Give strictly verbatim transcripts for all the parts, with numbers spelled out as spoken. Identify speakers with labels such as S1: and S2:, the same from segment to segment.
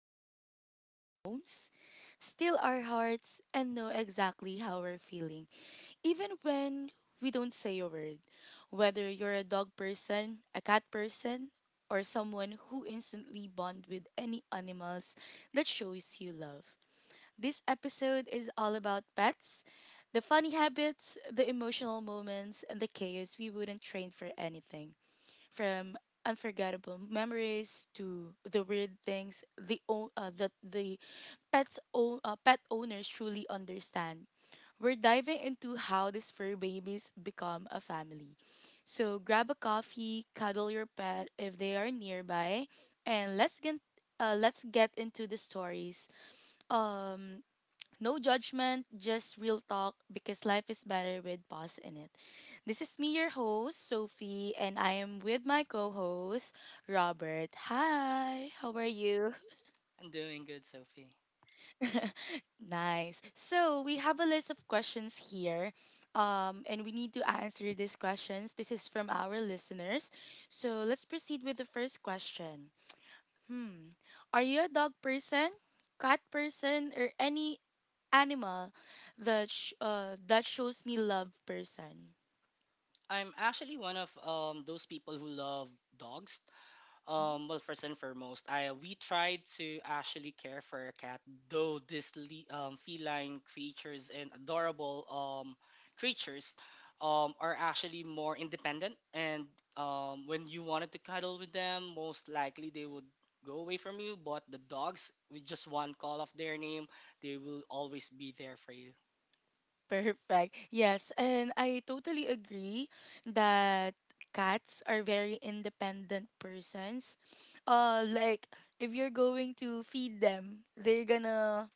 S1: somehow run our homes, steal our hearts, and know exactly how we're feeling, even when we don't say a word. Whether you're a dog person, a cat person, or someone who instantly bond with any animals that shows you love. This episode is all about pets the funny habits, the emotional moments, and the chaos we wouldn't train for anything. From unforgettable memories to the weird things the o- uh, that the pets o- uh, pet owners truly understand. We're diving into how these fur babies become a family. So grab a coffee, cuddle your pet if they are nearby, and let's get uh, let's get into the stories. Um, no judgment, just real talk because life is better with pause in it. This is me, your host, Sophie, and I am with my co host, Robert. Hi, how are you?
S2: I'm doing good, Sophie.
S1: Nice. So, we have a list of questions here, um, and we need to answer these questions. This is from our listeners. So, let's proceed with the first question. Hmm. Are you a dog person, cat person, or any animal that sh- uh, that shows me love person?
S2: I'm actually one of um those people who love dogs. Um, well, first and foremost, I we try to actually care for a cat, though these le- um, feline creatures and adorable um creatures um are actually more independent. And um when you wanted to cuddle with them, most likely they would go away from you. But the dogs, with just one call of their name, they will always be there for you,
S1: Perfect, yes, and I totally agree that cats are very independent persons, uh like if you're going to feed them, they're gonna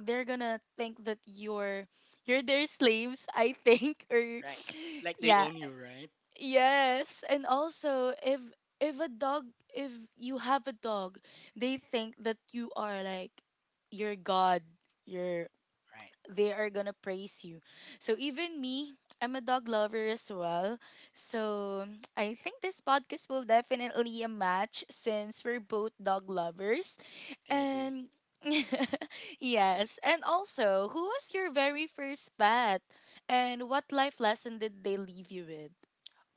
S1: they're gonna think that you're you're their slaves, I think. Or
S2: right? Like they
S1: yeah.
S2: own you, right?
S1: Yes, and also if if a dog, if you have a dog, they think that you are like your god. You're
S2: Right?
S1: they are gonna praise you. So even me, I'm a dog lover as well. So I think this podcast will definitely a match since we're both dog lovers.
S2: I agree.
S1: And yes, and also, who was your very first pet and what life lesson did they leave you with?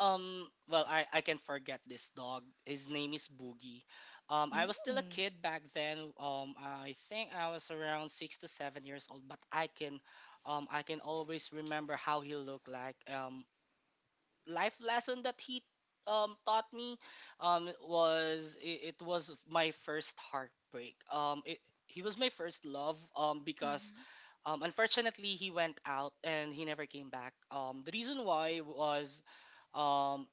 S2: Um, well, I, I can forget this dog. His name is Boogie. Um, I was still a
S1: Mm.
S2: kid back then. Um, I think I was around six to seven years old, but I can, um, I can always remember how he looked like. Um, life lesson that he um taught me um was it, it was my first heartbreak. Um it, he was my first love, um because um unfortunately he went out and he never came back. Um the reason why was, um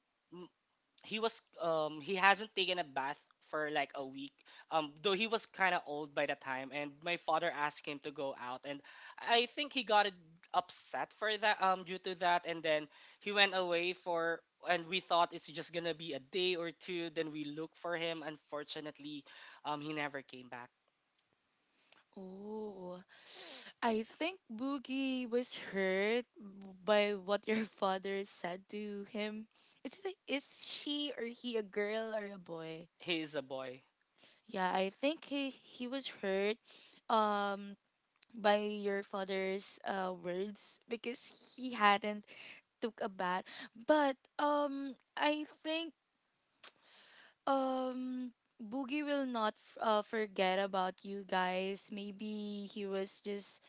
S2: he was um he hasn't taken a bath for like a week, um though he was kind of old by the time, and my father asked him to go out, and I think he got it upset for that, um due to that. And then he went away, for and we thought it's just gonna be a day or two, then we look for him. Unfortunately, um he never came back.
S1: Oh, I think Boogie was hurt by what your father said to him. Is it is she or he a girl or a boy?
S2: He is a boy.
S1: Yeah, I think he he was hurt, um by your father's uh words because he hadn't took a bath. But um I think Um, Boogie will not f- uh, forget about you guys. Maybe he was just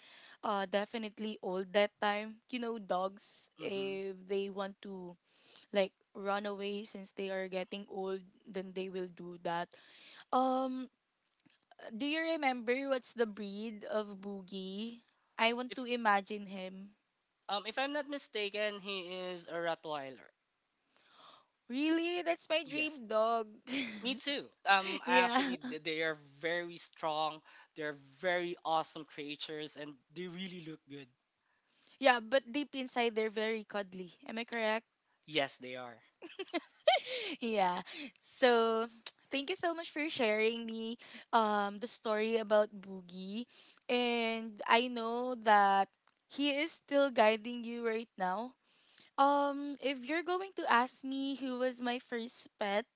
S1: uh definitely old that time. You know, dogs
S2: Mm-hmm.
S1: if they want to like run away since they are getting old, then they will do that. Um, do you remember what's the breed of Boogie? I want to
S2: if
S1: imagine him.
S2: um if I'm not mistaken, he is a Rottweiler.
S1: Really? That's my
S2: Yes.
S1: dream dog.
S2: Me too. Um,
S1: Yeah.
S2: actually, th- they are very strong. They're very awesome creatures, and they really look good.
S1: Yeah, but deep inside they're very cuddly. Am I correct?
S2: Yes, they are.
S1: Yeah. So thank you so much for sharing me um the story about Boogie. And I know that he is still guiding you right now. Um if you're going to ask me who was my first pet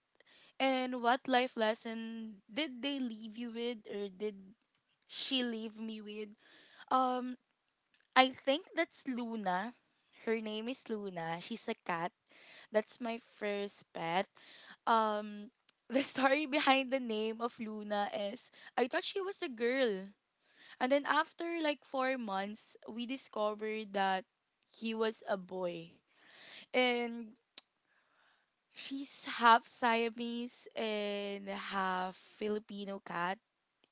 S1: and what life lesson did they leave you with or did she leave me with? Um I think that's Luna. Her name is Luna. She's a cat, that's my first pet. Um, the story behind the name of Luna is I thought she was a girl. And then after like four months, we discovered that he was a boy. And she's half Siamese and half Filipino cat.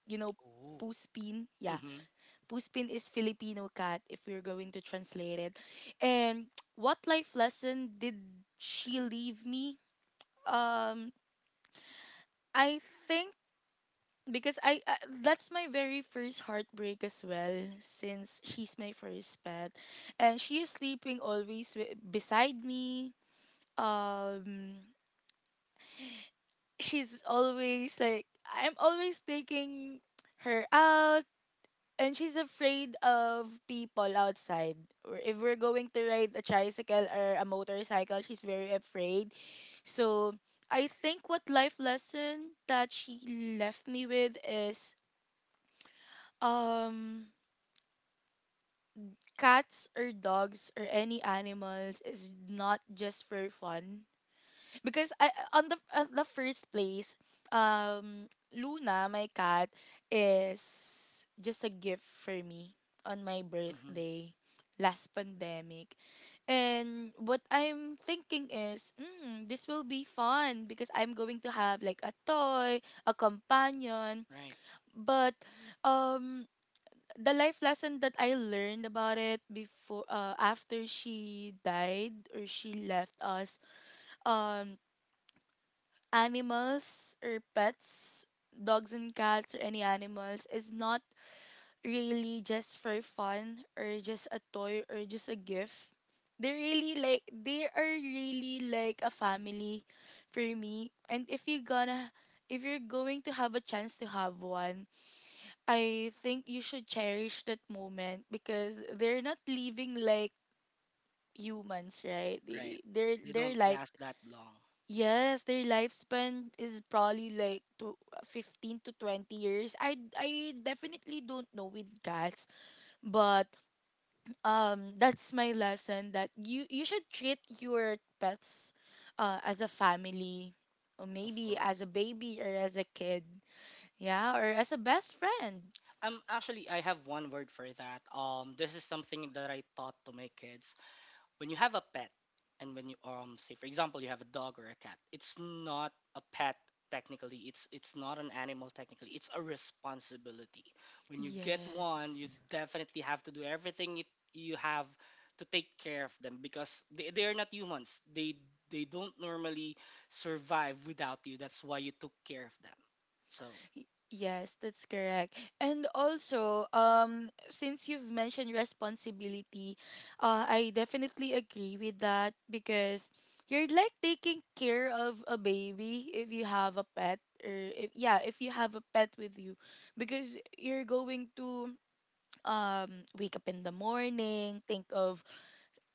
S1: You know,
S2: Ooh.
S1: Puspin? Yeah.
S2: Mhm.
S1: Puspin is Filipino cat if we're going to translate it. And what life lesson did she leave me? Um I think because I uh, that's my very first heartbreak as well since she's my first pet and she is sleeping always wi- beside me, um she's always like I'm always taking her out and she's afraid of people outside, or if we're going to ride a tricycle or a motorcycle she's very afraid. So I think what life lesson that she left me with is Um, cats or dogs or any animals is not just for fun. Because I on the on the first place, um, Luna, my cat, is just a gift for me on my
S2: Mhm.
S1: birthday last pandemic. And what I'm thinking is, mm, this will be fun because I'm going to have like a toy, a companion.
S2: Right.
S1: But um the life lesson that I learned about it before uh, after she died or she left us, um animals or pets, dogs and cats or any animals is not really just for fun or just a toy or just a gift. They really like they are really like a family for me, and if you're gonna if you're going to have a chance to have one, I think you should cherish that moment because they're not living like humans, right?
S2: Right.
S1: They, their
S2: They
S1: their
S2: don't
S1: life,
S2: last that long.
S1: yes, their lifespan is probably like to fifteen to twenty years. I I definitely don't know with cats, but um that's my lesson that you you should treat your pets uh as a family or
S2: Of
S1: maybe as
S2: course.
S1: a baby or as a kid. Yeah, or as a best friend.
S2: Um, actually, I have one word for that. Um, this is something that I taught to my kids. When you have a pet, and when you um say, for example, you have a dog or a cat, it's not a pet technically, it's it's not an animal technically, it's a responsibility. When you get one, you
S1: Yes.
S2: definitely have to do everything. It, you have to take care of them, because they, they are not humans. They they don't normally survive without you, that's why you took care of them, so.
S1: Y- Yes, that's correct. And also, um, since you've mentioned responsibility, uh, I definitely agree with that because you're like taking care of a baby if you have a pet, or if, yeah, if you have a pet with you, because you're going to um wake up in the morning, think of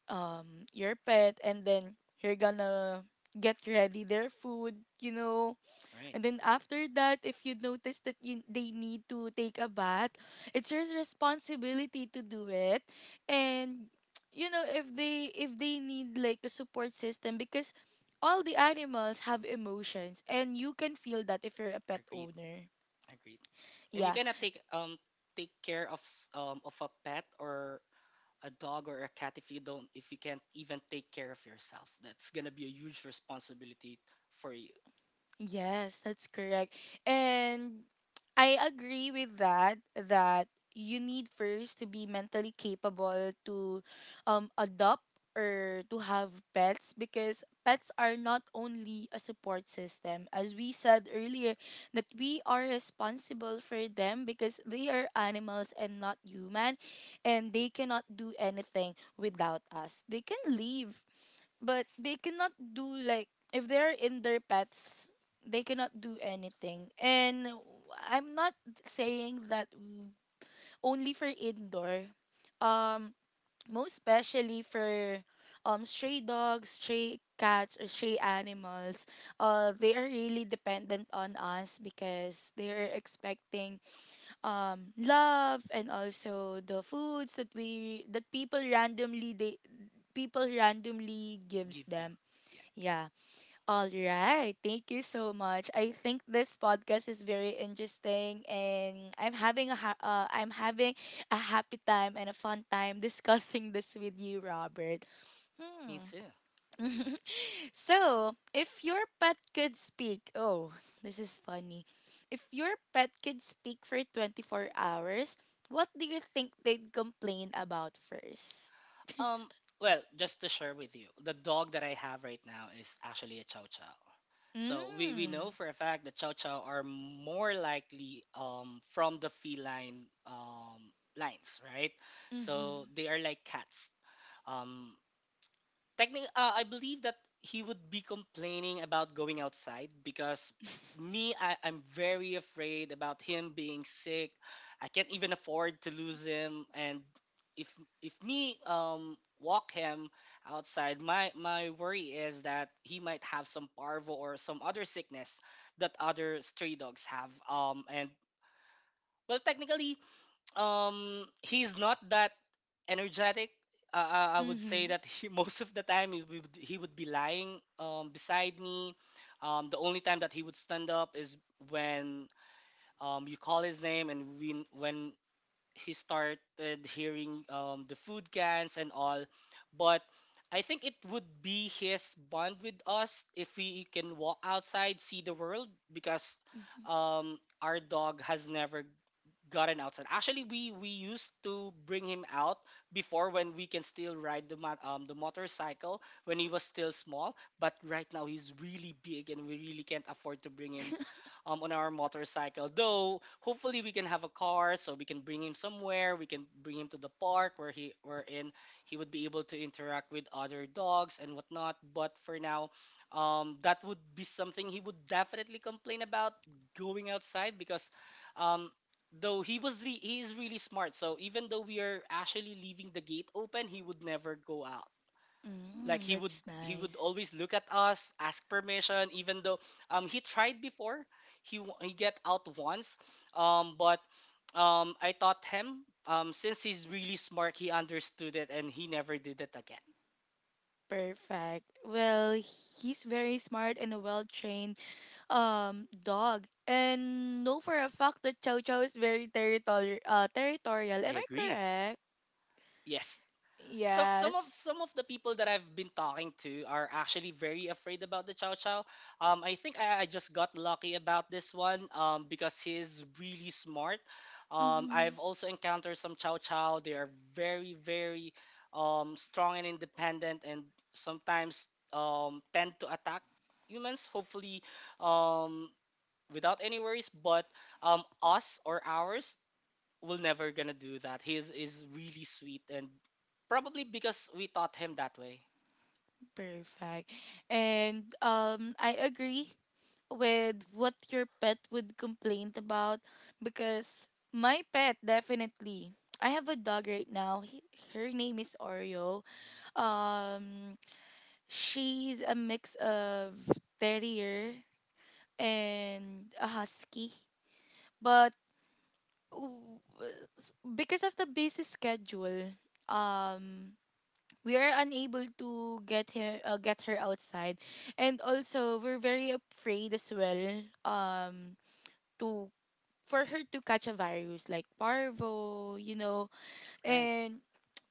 S1: um your pet, and then you're gonna get ready their food, you know,
S2: Right.
S1: and then after that, if you notice that you, they need to take a bath, it's your responsibility to do it. And you know, if they if they need like a support system, because all the animals have emotions and you can feel that if you're a pet
S2: Agreed.
S1: owner.
S2: Agreed. And you
S1: Yeah.
S2: cannot take um take care of s- um of a pet or a dog or a cat, if you don't if you can't even take care of yourself. That's gonna be a huge responsibility for you.
S1: Yes, that's correct. And I agree with that that you need first to be mentally capable to um adopt or to have pets, because pets are not only a support system. As we said earlier, that we are responsible for them because they are animals and not human, and they cannot do anything without us. They can leave, but they cannot do like if they're in their pets they cannot do anything. And I'm not saying that only for indoor, um most especially for um stray dogs, stray cats, or stray animals. Uh they are really dependent on us because they are expecting um love, and also the foods that we that people randomly they people randomly gives
S2: Give
S1: them.
S2: them. Yeah,
S1: Yeah, all right. Thank you so much. I think this podcast is very interesting and I'm having a ha- uh, I'm having a happy time and a fun time discussing this with you, Robert.
S2: me
S1: Hmm.
S2: too.
S1: So, if your pet could speak, oh, this is funny. If your pet could speak for twenty-four hours, what do you think they'd complain about first?
S2: Um, well, just to share with you, the dog that I have right now is actually a Chow Chow. So we, we know
S1: Mm.
S2: for a fact that Chow Chow are more likely, um, from the feline, um, lines, right? So
S1: Mhm.
S2: they are like cats. Um, Technically, uh, I believe that he would be complaining about going outside, because me, I, I'm very afraid about him being sick. I can't even afford to lose him, and if if me um walk him outside, my my worry is that he might have some parvo or some other sickness that other stray dogs have. Um, and well, technically, um, he's not that energetic. Uh, uh, I would say
S1: Mhm.
S2: that he, most of the time he would, he would be lying, um, beside me. Um, the only time that he would stand up is when, um, you call his name, and when when he started hearing, um, the food cans and all. But I think it would be his bond with us, if we can walk outside, see the world, because,
S1: Mhm.
S2: um, our dog has never gotten outside. Actually, we we used to bring him out before, when we can still ride the mo- um the motorcycle, when he was still small. But right now he's really big and we really can't afford to bring him, um on our motorcycle. Though hopefully we can have a car, so we can bring him somewhere. We can bring him to the park where he wherein he would be able to interact with other dogs and whatnot. But for now, um that would be something he would definitely complain about, going outside, because, um though he was re- he is really smart, so even though we are actually leaving the gate open, he would never go out. Like,
S1: Mm,
S2: he would
S1: that's
S2: he would
S1: nice.
S2: always look at us, ask permission. Even though, um he tried before. He w- he get out once, um but, um I taught him, um since he's really smart, he understood it and he never did it again.
S1: Perfect. Well, he's very smart and a well-trained um dog. And know for a fact that Chow Chow is very territorial. Uh, territorial. Am
S2: I
S1: I
S2: agree.
S1: correct?
S2: Yes. some some of
S1: Yes.
S2: some of the people that I've been talking to are actually very afraid about the Chow Chow. Um, I think I, I just got lucky about this one, um, because he's really smart. Um,
S1: Mm-hmm.
S2: I've also encountered some Chow Chow. They are very, very, um, strong and independent, and sometimes, um, tend to attack humans. Hopefully, um, without any worries. But, um, us or ours, will never gonna do that. He is, is really sweet, and probably because we taught him that way,
S1: Perfect. And um, I agree with what your pet would complain about because my pet definitely. I have a dog right now. He, her name is Oreo. Um, She's a mix of terrier and a husky. But w- because of the busy schedule, um we are unable to get her uh, get her outside, and also we're very afraid as well um to for her to catch a virus like parvo, you know.
S2: right?
S1: And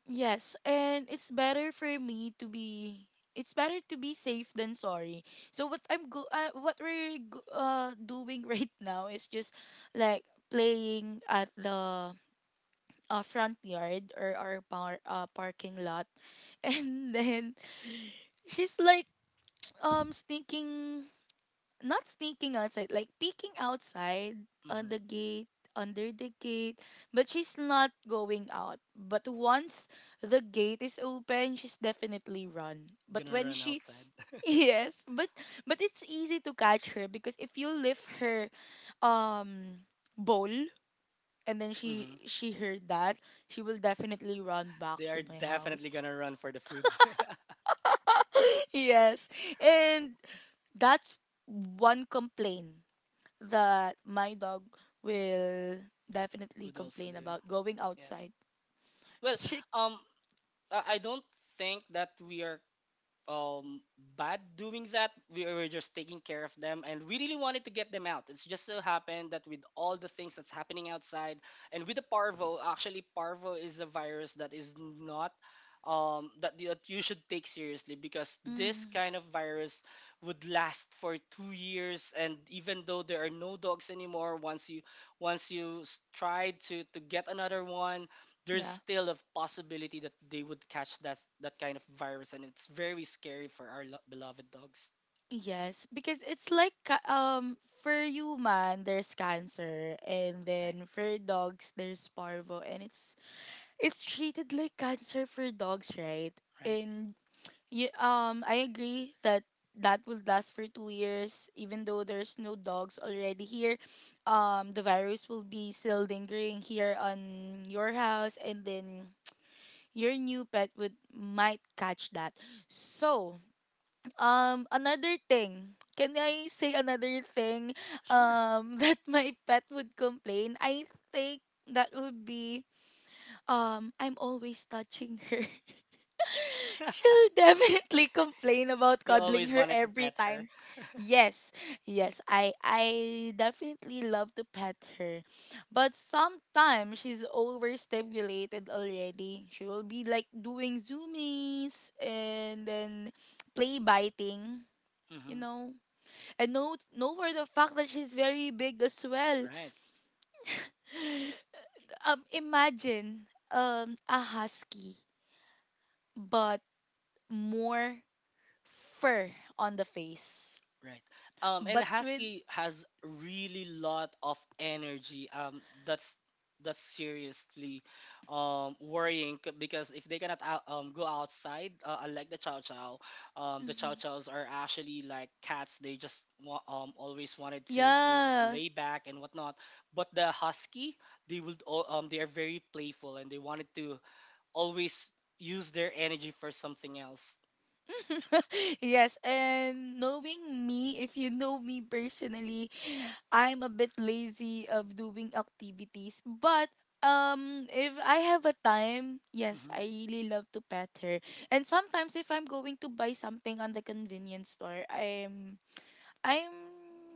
S1: yes, and it's better for me to be it's better to be safe than sorry. So what I'm go uh, what we're go- uh doing right now is just like playing at the uh, front yard or our par- uh, parking lot, and then she's like um sneaking, not sneaking outside, like peeking outside on
S2: Hmm.
S1: the gate, under the gate, but she's not going out. But once the gate is open, she's definitely run. But
S2: Gonna
S1: when
S2: run
S1: she
S2: outside.
S1: yes, but but it's easy to catch her because if you lift her um bowl, and then
S2: Hmm.
S1: she she heard that, she will definitely run back
S2: They are
S1: to my
S2: definitely
S1: house.
S2: gonna run for the food.
S1: Yes. And that's one complaint that my dog will definitely
S2: Would also
S1: complain
S2: do.
S1: about going
S2: Yes.
S1: outside.
S2: Well,
S1: She,
S2: um, I I don't think that we are, um bad doing that. We were just taking care of them, and we really wanted to get them out. It's just so happened that, with all the things that's happening outside, and with the parvo. Actually, parvo is a virus that is not, um that, that you should take seriously, because this
S1: mm,
S2: kind of virus would last for two years, and even though there are no dogs anymore, once you once you s- try to to get another one, there's
S1: yeah,
S2: still a possibility that they would catch that that kind of virus, and it's very scary for our lo- beloved dogs.
S1: yes, because it's like ca- um for human there's cancer, and
S2: Right.
S1: then for dogs there's parvo, and it's it's treated like cancer for dogs, right?
S2: Right.
S1: And you, um, I agree that that would last for two years, even though there's no dogs already here. Um, the virus will be still lingering here on your house, and then your new pet would might catch that. So, um, another thing. Can I say another thing?
S2: Sure.
S1: Um, that my pet would complain. I think that would be um, I'm always touching her, she'll definitely complain about
S2: You
S1: cuddling
S2: always
S1: her
S2: wanted to
S1: every
S2: pet her.
S1: time. Yes, yes, I I definitely love to pet her. But sometimes she's overstimulated already. She will be like doing zoomies and then play biting, you
S2: Hmm.
S1: know. And no no for the fact that she's very big as well.
S2: Right.
S1: Um imagine um a husky but more fur on the face,
S2: Right. Um, and
S1: but with.
S2: Husky has really lot of energy. Um, that's that's seriously, um, worrying, c- because if they cannot out, um, go outside, uh, unlike the Chow Chow, um, the Chow
S1: Mhm,
S2: Chows are actually like cats. They just wa- um, always wanted to, to, to
S1: yeah.
S2: lay back and whatnot. But the Husky, they would, al- um, they are very playful and they wanted to always use their energy for something else.
S1: Yes. And knowing me, if you know me personally, I'm a bit lazy of doing activities, but um if I have a time, yes,
S2: Mm-hmm.
S1: I really love to pet her. And sometimes if I'm going to buy something on the convenience store, I'm I'm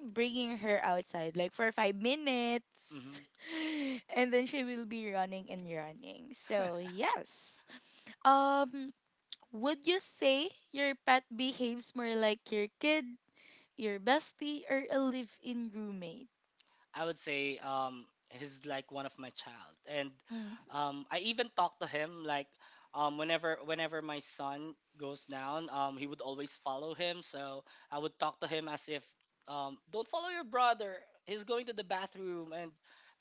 S1: bringing her outside like for five minutes.
S2: Mm-hmm.
S1: And then she will be running and running. So, yes. Um, would you say your pet behaves more like your kid, your bestie, or a live in roommate?
S2: I would say, um he's like one of my child. And
S1: Mm,
S2: um I even talk to him, like, um whenever whenever my son goes down, um he would always follow him. So I would talk to him as if, um don't follow your brother. He's going to the bathroom, and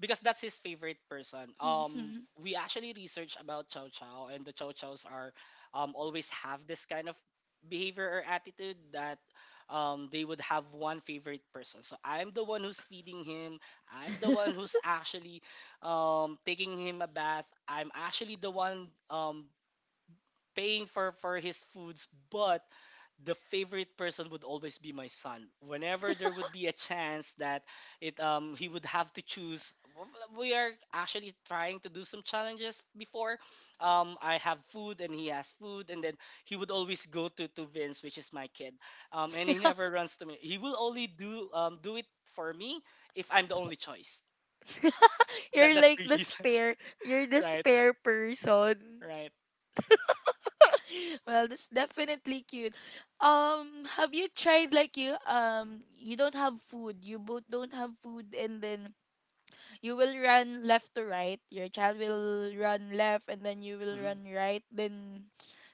S2: because that's his favorite person. Um
S1: mhm.
S2: we actually research about Chow Chow, and the Chow Chows are, um always have this kind of behavior or attitude that, um, they would have one favorite person. So I'm the one who's feeding him. I'm the one who's actually, um, taking him a bath. I'm actually the one, um, paying for, for his foods, but the favorite person would always be my son. Whenever there would be a chance that, it um, he would have to choose, we are actually trying to do some challenges before. Um, I have food and he has food, and then he would always go to, to Vince, which is my kid, um, and he never runs to me. He will only do um, do it for me, if I'm the only choice. That
S1: You're
S2: that's
S1: like the
S2: really sad.
S1: spare, you're the
S2: Right,
S1: spare person.
S2: right.
S1: Well, that's definitely cute. Um, have you tried like you um you don't have food, you both don't have food, and then you will run left to right, your child will run left and then you will
S2: Mhm.
S1: run right, then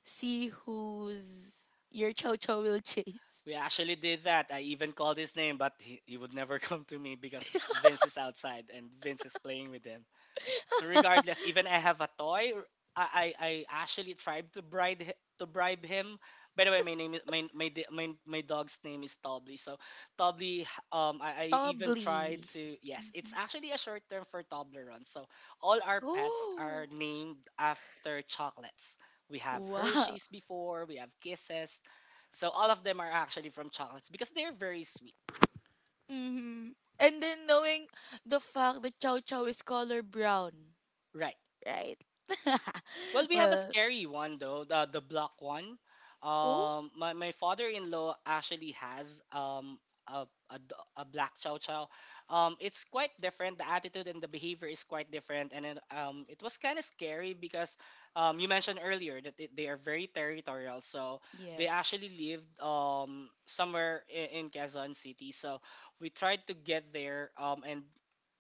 S1: see who's your chow chow will chase.
S2: We actually did that. I even called his name, but he, he would never come to me, because Vince is outside and Vince is playing with him. So regardless, even I have a toy. r- I I, I actually tried to bribe hi- to bribe him. By the way, my name is my my di- my, my dog's name is Tobly. So Tobly, h- um, I, I even tried
S1: Probably.
S2: to, yes, it's actually a short term for Toblerone. So all our pets are
S1: Oh,
S2: named after chocolates. We have
S1: wow.
S2: Hershey's before, we have Kisses. So all of them are actually from chocolates, because they're very sweet,
S1: Mm-hmm. And then knowing the fact that chow chow is color brown,
S2: right?
S1: right?
S2: Well, we have a
S1: Well.
S2: scary one though, the the block one.
S1: Oh.
S2: Um, my, my father-in-law actually has um a, a, d- a black Chow Chow. Um, it's quite different. The attitude and the behavior is quite different, and it, um, it was kind of scary, because, um, you mentioned earlier that they, they are very territorial. So they actually
S1: Yes.
S2: lived, um somewhere in, in Quezon City. So we tried to get there, um and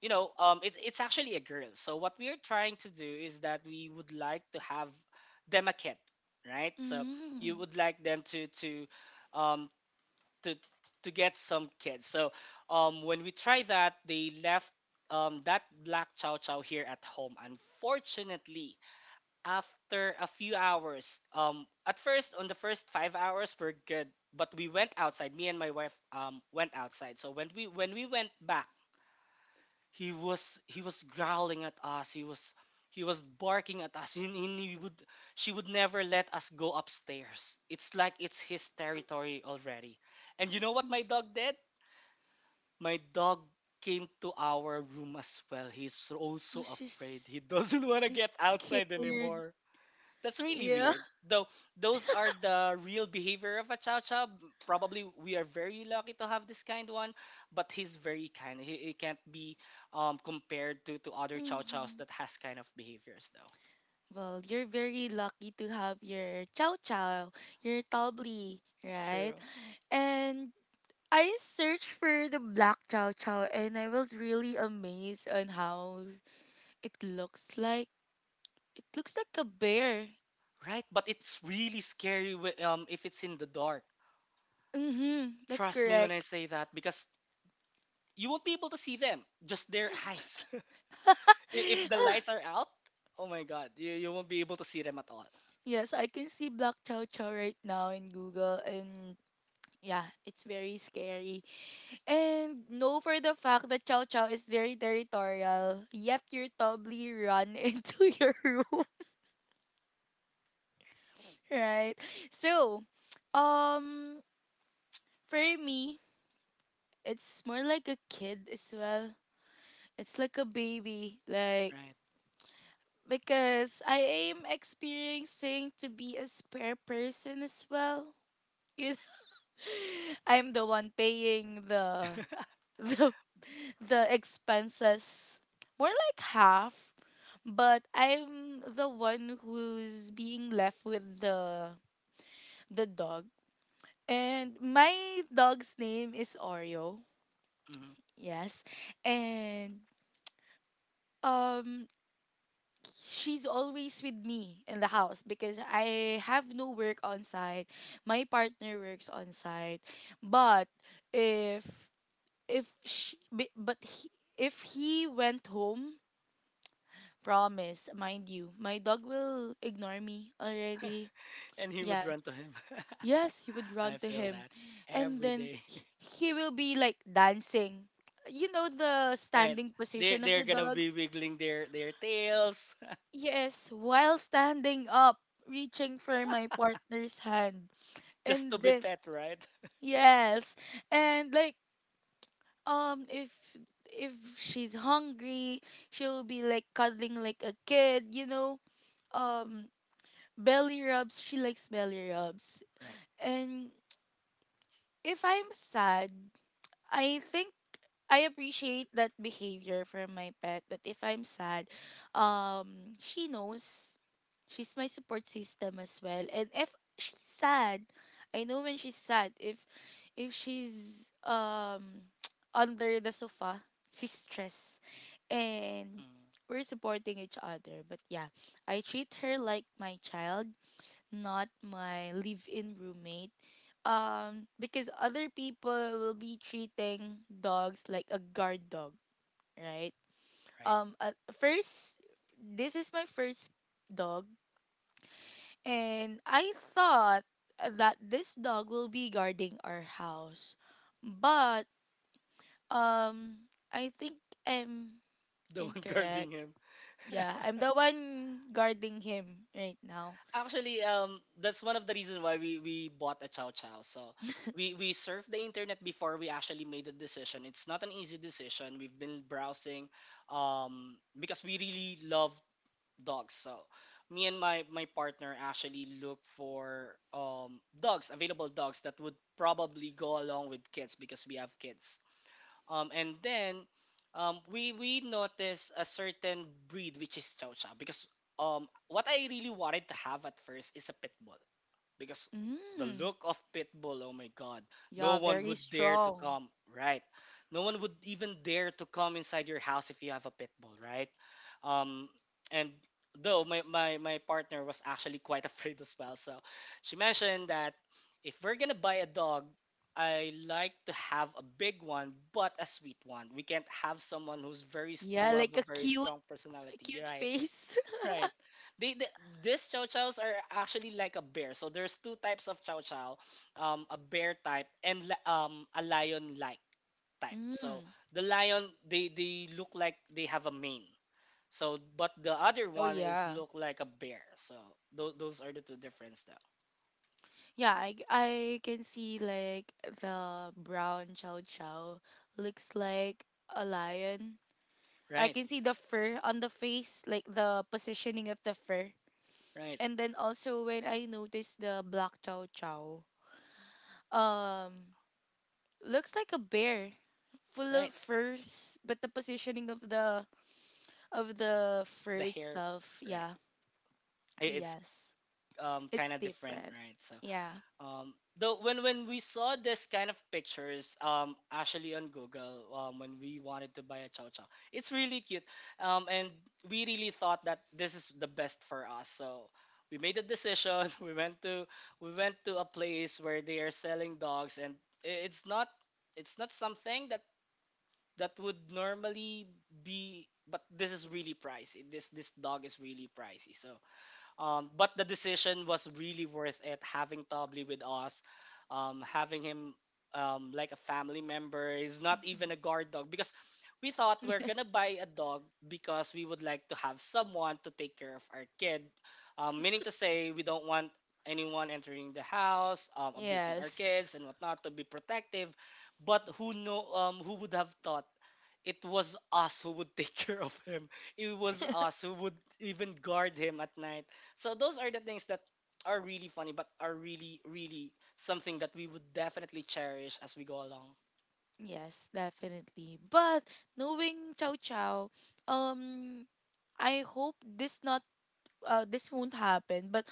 S2: you know, um, it's it's actually a girl. So what we are trying to do is that we would like to have them a kid, right? So you
S1: Mm.
S2: would like them to to um, to to get some kids. So um, when we try that, they left um, that black chow chow here at home. Unfortunately, after a few hours, um, at first on the first five hours we're good, but we went outside. Me and my wife um, went outside. So when we when we went back he was he was growling at us, he was he was barking at us, and he would, she would never let us go upstairs. It's like it's his territory already. And you know what my dog did? My dog came to our room as well. He's also
S1: Which
S2: afraid,
S1: is
S2: he doesn't want to
S1: is
S2: get outside
S1: scared.
S2: anymore. That's really
S1: Yeah.
S2: weird. Though those are the real behavior of a chow chow. Probably we are very lucky to have this kind one, but he's very kind. He, he can't be um, compared to, to other chow chows
S1: Mm-hmm.
S2: that has kind of behaviors though.
S1: Well, you're very lucky to have your chow chow, your tabli, right?
S2: True.
S1: And I searched for the black chow chow and I was really amazed on how it looks like. It looks like a bear.
S2: Right, but it's really scary whe- um, if it's in the dark.
S1: Mm-hmm, that's
S2: Trust me when I
S1: correct.
S2: say that, because you won't be able to see them, just their eyes. I- if the lights are out, oh my god, you, you won't be able to see them at all.
S1: Yes, I can see black chow chow right now in Google, and yeah, it's very scary. And know for the fact that Chow Chow is very territorial, yet you're probably run into your room, right? So, um, for me, it's more like a kid as well. It's like a baby, like
S2: Right.
S1: because I am experiencing to be a spare person as well. You know? I'm the one paying the the the expenses, more like half, but I'm the one who's being left with the the dog, and my dog's name is Oreo.
S2: Mhm.
S1: Yes. And um she's always with me in the house because I have no work on site. My partner works on site. But if if she, bi- but he, if he went home, promise, mind you, my dog will ignore me already.
S2: And he
S1: Yeah.
S2: would run to him.
S1: Yes, he would run
S2: I
S1: to
S2: feel
S1: him.
S2: that
S1: And
S2: every
S1: then
S2: day.
S1: he, he will be like dancing. You know the
S2: Right.
S1: standing
S2: They,
S1: position of
S2: they're
S1: the
S2: gonna be
S1: dogs?
S2: wiggling their their tails
S1: Yes, while standing up, reaching for my partner's hand.
S2: just to
S1: And
S2: be
S1: then
S2: pet, right?
S1: yes. And like um if if she's hungry, she'll be like cuddling like a kid, you know? Um, belly rubs. She likes belly rubs.
S2: Right.
S1: And if I'm sad, I think I appreciate that behavior from my pet. That if I'm sad, um, she knows. She's my support system as well. And if she's sad, I know when she's sad. If if she's um under the sofa, she's stressed. And
S2: Mm,
S1: we're supporting each other. But yeah, I treat her like my child, not my live-in roommate. Um, because other people will be treating dogs like a guard dog, right?
S2: right.
S1: Um, at first, this is my first dog, and I thought that this dog will be guarding our house, but um, I think I'm
S2: The one guarding
S1: incorrect.
S2: him.
S1: Yeah, I'm the one guarding him right now.
S2: Actually, um, that's one of the reasons why we we bought a chow chow. So we we surfed the internet before we actually made the decision. It's not an easy decision. We've been browsing, um, because we really love dogs. So me and my my partner actually look for um dogs, available dogs that would probably go along with kids because we have kids. Um and then um we we notice a certain breed which is Chow Chow, because um what I really wanted to have at first is a pit bull, because the
S1: Mm,
S2: look of Pitbull, oh my god, no
S1: yeah,
S2: one
S1: very
S2: would dare to
S1: strong.
S2: come, right? No one would even dare to come inside your house if you have a Pitbull, right? Um, and though my, my, my partner was actually quite afraid as well, so she mentioned that if we're gonna buy a dog, I like to have a big one, but a sweet one. We can't have someone who's very s-
S1: Yeah,
S2: who have
S1: like
S2: a
S1: a
S2: very
S1: cute,
S2: strong personality,
S1: cute
S2: right?
S1: face.
S2: Right. They, the These chow chows are actually like a bear. So there's two types of chow chow, um, a bear type and li- um a lion like type. So
S1: Mm.
S2: the lion, they they look like they have a mane. So but the other
S1: Oh
S2: one is
S1: yeah.
S2: look like a bear. So tho- those are the two difference though.
S1: Yeah, I, I can see like the brown chow chow looks like a lion. I
S2: Right.
S1: can see the fur on the face, like the positioning of the fur.
S2: Right.
S1: And then also when I notice the black chow chow, um, looks like a bear, full of
S2: Right.
S1: furs, but the positioning of the of the fur
S2: The hair.
S1: itself,
S2: Right.
S1: yeah.
S2: It, it's
S1: Yes.
S2: um kind
S1: It's
S2: of different.
S1: different.
S2: Right. So
S1: Yeah.
S2: Um, though when when we saw this kind of pictures, um, actually on Google, um, when we wanted to buy a chow chow, it's really cute. Um, and We really thought that this is the best for us. So we made a decision. We went to we went to a place where they are selling dogs, and i- it's not, it's not something that that would normally be. But this is really pricey. This this dog is really pricey. So um, but the decision was really worth it having Tobly with us, um, having him um, like a family member. He's not even
S1: Mhm.
S2: a guard dog, because we thought we're gonna buy a dog because we would like to have someone to take care of our kid. Um, meaning to say, we don't want anyone entering the house, um, abusing our kids
S1: Yes.
S2: and whatnot, to be protective. But who know? Um, who would have thought? It was us who would take care of him. It was us who would even guard him at night. So those are the things that are really funny, but are really, really something that we would definitely cherish as we go along.
S1: Yes, definitely. But knowing Chow Chow, um, I hope this not uh this won't happen. But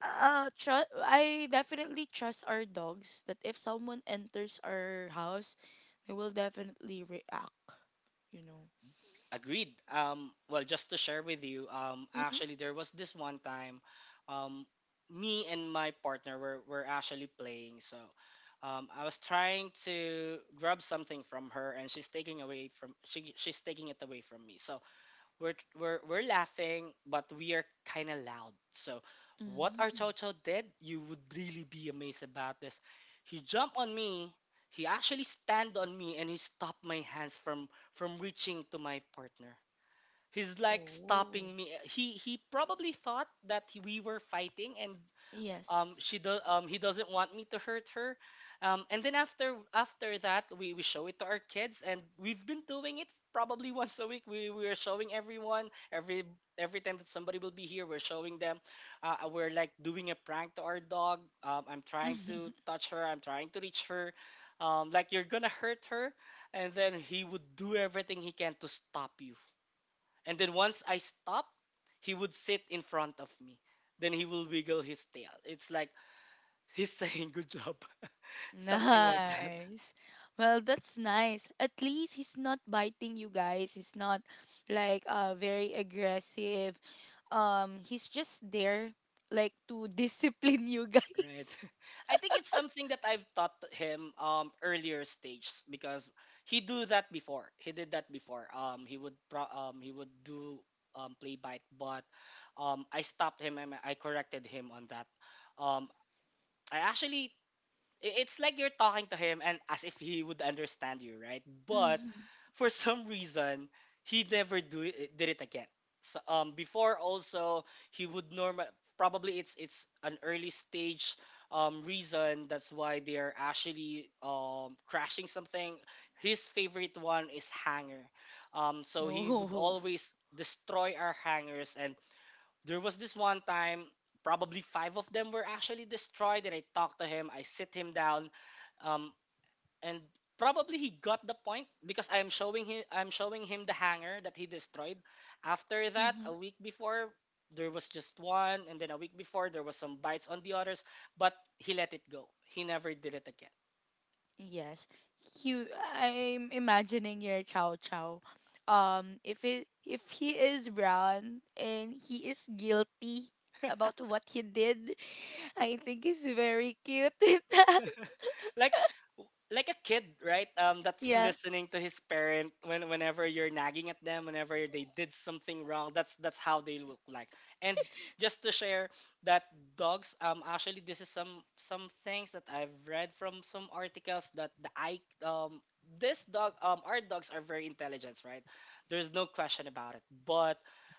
S1: uh, tru- I definitely trust our dogs that if someone enters our house, they will definitely react. You know.
S2: Agreed. Um, well, just to share with you, um,
S1: Mm-hmm.
S2: actually, there was this one time, um, me and my partner were, were actually playing. So um, I was trying to grab something from her, and she's taking away from she, she's taking it away from me. So we're we're we're laughing, but we are kind of loud. So, what our Chow
S1: Mm.
S2: Chow did, you would really be amazed about this. He jumped on me. He actually stand on me, and he stopped my hands from from reaching to my partner. He's like
S1: Oh.
S2: stopping me. He he probably thought that we were fighting, and um
S1: Yes.
S2: she does. Um he doesn't want me to hurt her, um, and then after after that we we show it to our kids, and we've been doing it probably once a week. We we are showing everyone, every every time that somebody will be here, we're showing them. Uh, uh, we're like doing a prank to our dog. Um, I'm trying to touch her, I'm trying to reach her, um, like you're gonna hurt her. And then he would do everything he can to stop you. And then once I stop, he would sit in front of me, then he will wiggle his tail. It's like he's saying good job. Something like that.
S1: Nice. Well, that's nice. At least he's not biting you guys. He's not like uh very aggressive. Um, he's just there like to discipline you guys.
S2: Right. I think it's something that I've taught him um earlier stages, because he do that before. He did that before. Um he would pro- um he would do um play bite, but um I stopped him and I corrected him on that. Um, I actually, i- it's like you're talking to him and as if he would understand you, right? But
S1: Mhm.
S2: for some reason, he never do it, eh, did it again. So, um, before also he would normal, probably it's it's an early stage um reason, that's why they are actually um crashing something. His favorite one is hanger. Um, so he would
S1: No.
S2: always destroy our hangers, and there was this one time probably five of them were actually destroyed. And I talked to him, I sit him down, um, and probably he got the point because i'm showing him I'm showing him the hanger that he destroyed. After that, a
S1: Mhm.
S2: week before there was just one, and then a week before there was some bites on the others, but he let it go, he never did it again.
S1: Yes. You, I'm imagining your chow chow. Um, if it if he is brown and he is guilty about what he did, I think he's very cute with that.
S2: like like a kid, right? Um, that's
S1: Yeah.
S2: listening to his parent when whenever you're nagging at them, whenever they did something wrong. That's that's how they look like. And just to share that dogs, um, actually this is some some things that I've read from some articles that the I um this dog, um, our dogs are very intelligent, right? There's no question about it. But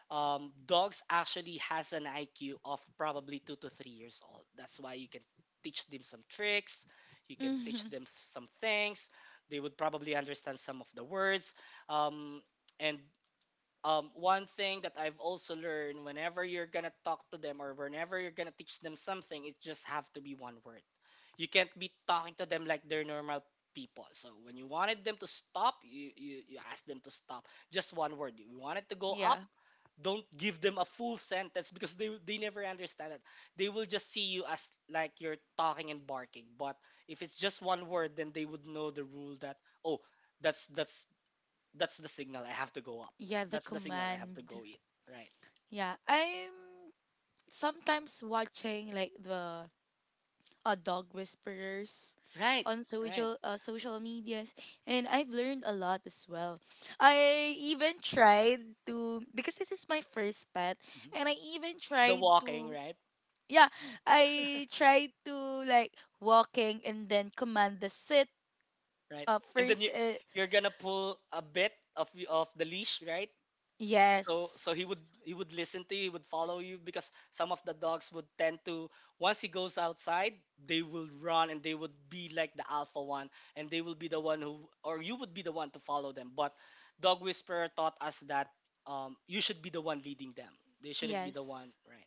S2: um, dogs actually has an I Q of probably two to three years old. That's why you can teach them some tricks, you can teach
S1: Hmm.
S2: them some things. They would probably understand some of the words, um, and um, one thing that I've also learned, whenever you're gonna talk to them or whenever you're gonna teach them something, it just have to be one word. You can't be talking to them like they're normal people. So when you wanted them to stop, you you, you ask them to stop. Just one word. You wanted to go up,
S1: Yeah.
S2: don't give them a full sentence because they they never understand it. They will just see you as like you're talking and barking. But if it's just one word, then they would know the rule that oh that's that's that's the signal I have to go up.
S1: Yeah, the
S2: That's the signal I have to
S1: command.
S2: go eat. Right.
S1: Yeah, I'm sometimes watching like the uh, dog whisperers
S2: Right.
S1: on
S2: Right.
S1: social uh, social medias and I've learned a lot as well. I even tried to because this is my first pet
S2: Mhm.
S1: and I even
S2: The
S1: tried
S2: walking,
S1: to
S2: right?
S1: yeah, I tried to like walking and then command the sit
S2: Right.
S1: uh
S2: And then
S1: first
S2: you,
S1: uh,
S2: you're gonna pull a bit of y- of the leash, right? So so he
S1: yes.
S2: would he would listen to you, he would follow you, because some of the dogs would tend to, once he goes outside, they will run and they would be like the alpha one, and they will be the one who, or you would be the one to follow them. But Dog Whisperer taught us that um, you should be the one leading them. They shouldn't be the one,
S1: Yes.
S2: right?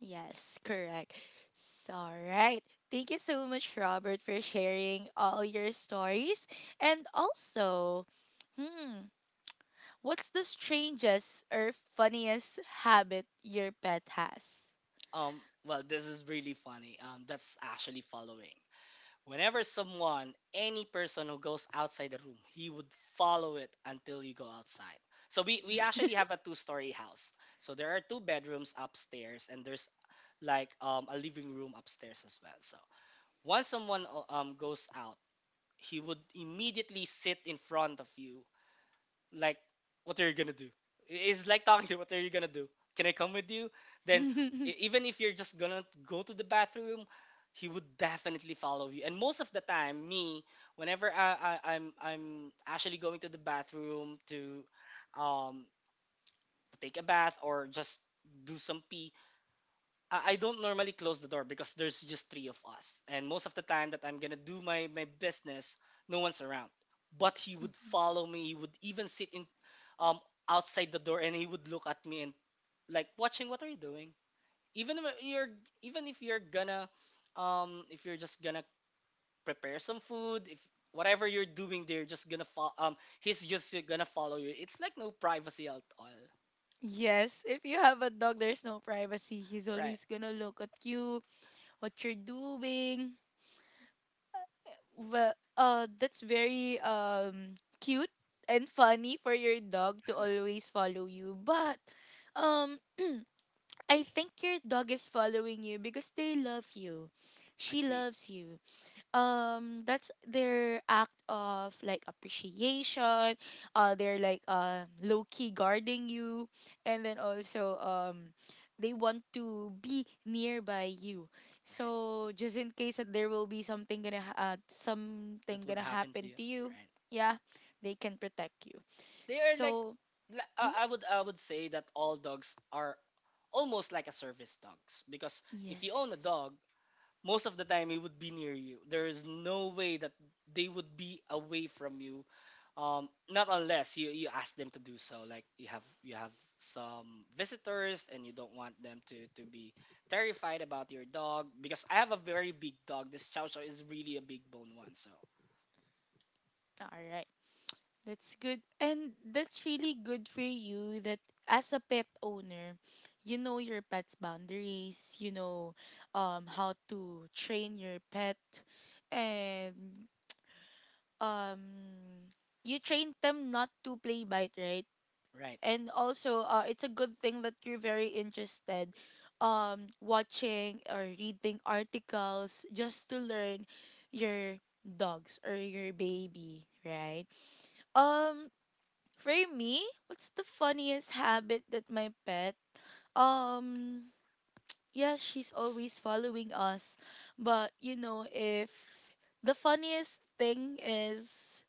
S1: Yes, correct. So, right. Thank you so much, Robert, for sharing all your stories. And also, hmm, what's the strangest or funniest habit your pet has?
S2: Um, well, this is really funny. Um, that's actually following. Whenever someone, any person who goes outside the room, he would follow it until you go outside. So we, we actually have a two-story house. So there are two bedrooms upstairs, and there's like um, a living room upstairs as well. So once someone uh, um, goes out, he would immediately sit in front of you like, "What are you gonna do?" It's like talking to, "What are you gonna do? Can I come with you?" Then e- even if you're just gonna go to the bathroom, he would definitely follow you, and most of the time me. Whenever I, I i'm i'm actually going to the bathroom to um to take a bath or just do some pee, I I don't normally close the door because there's just three of us. And most of the time that I'm gonna do my, my business, no one's around. But he would
S1: Mhm.
S2: follow me, he would even sit in, um outside the door, and he would look at me and like watching, "What are you doing?" Even if you're, even if you're gonna um if you're just gonna prepare some food, if whatever you're doing, they're just gonna follow. Um he's just gonna follow you. It's like no privacy at all.
S1: Yes, if you have a dog, there's no privacy. He's
S2: Right.
S1: always gonna look at you, what you're doing. Well, uh, that's very um cute and funny for your dog to always follow you. But um, I think your dog is following you because they love you. She
S2: Agreed.
S1: loves you, um, that's their act of like appreciation, uh, they're like uh low key guarding you, and then also um they want to be nearby you,
S2: Right.
S1: so just in case that there will be something gonna ha- uh, something
S2: That would
S1: gonna
S2: happen to
S1: happen
S2: you.
S1: to you,
S2: Right.
S1: yeah, they can protect you,
S2: They are like,
S1: so
S2: li- uh,
S1: mhm,
S2: I would, I would say that all dogs are almost like a service dogs, because if you own a
S1: yes,
S2: dog, most of the time it would be near you. There is no way that they would be away from you, um, not unless you, you ask them to do so. Like you have, you have some visitors and you don't want them to to be terrified about your dog, because I have a very big dog. This Chow Chow is really a big bone one. So
S1: all right. That's good. And that's really good for you that as a pet owner, you know your pet's boundaries, you know um how to train your pet and um you train them not to play bite, right?
S2: right.
S1: And also uh it's a good thing that you're very interested um watching or reading articles just to learn your dogs or your baby, right? Um, for me, what's the funniest habit that my pet? Um, yeah, she's always following us. But, you know, if the funniest thing is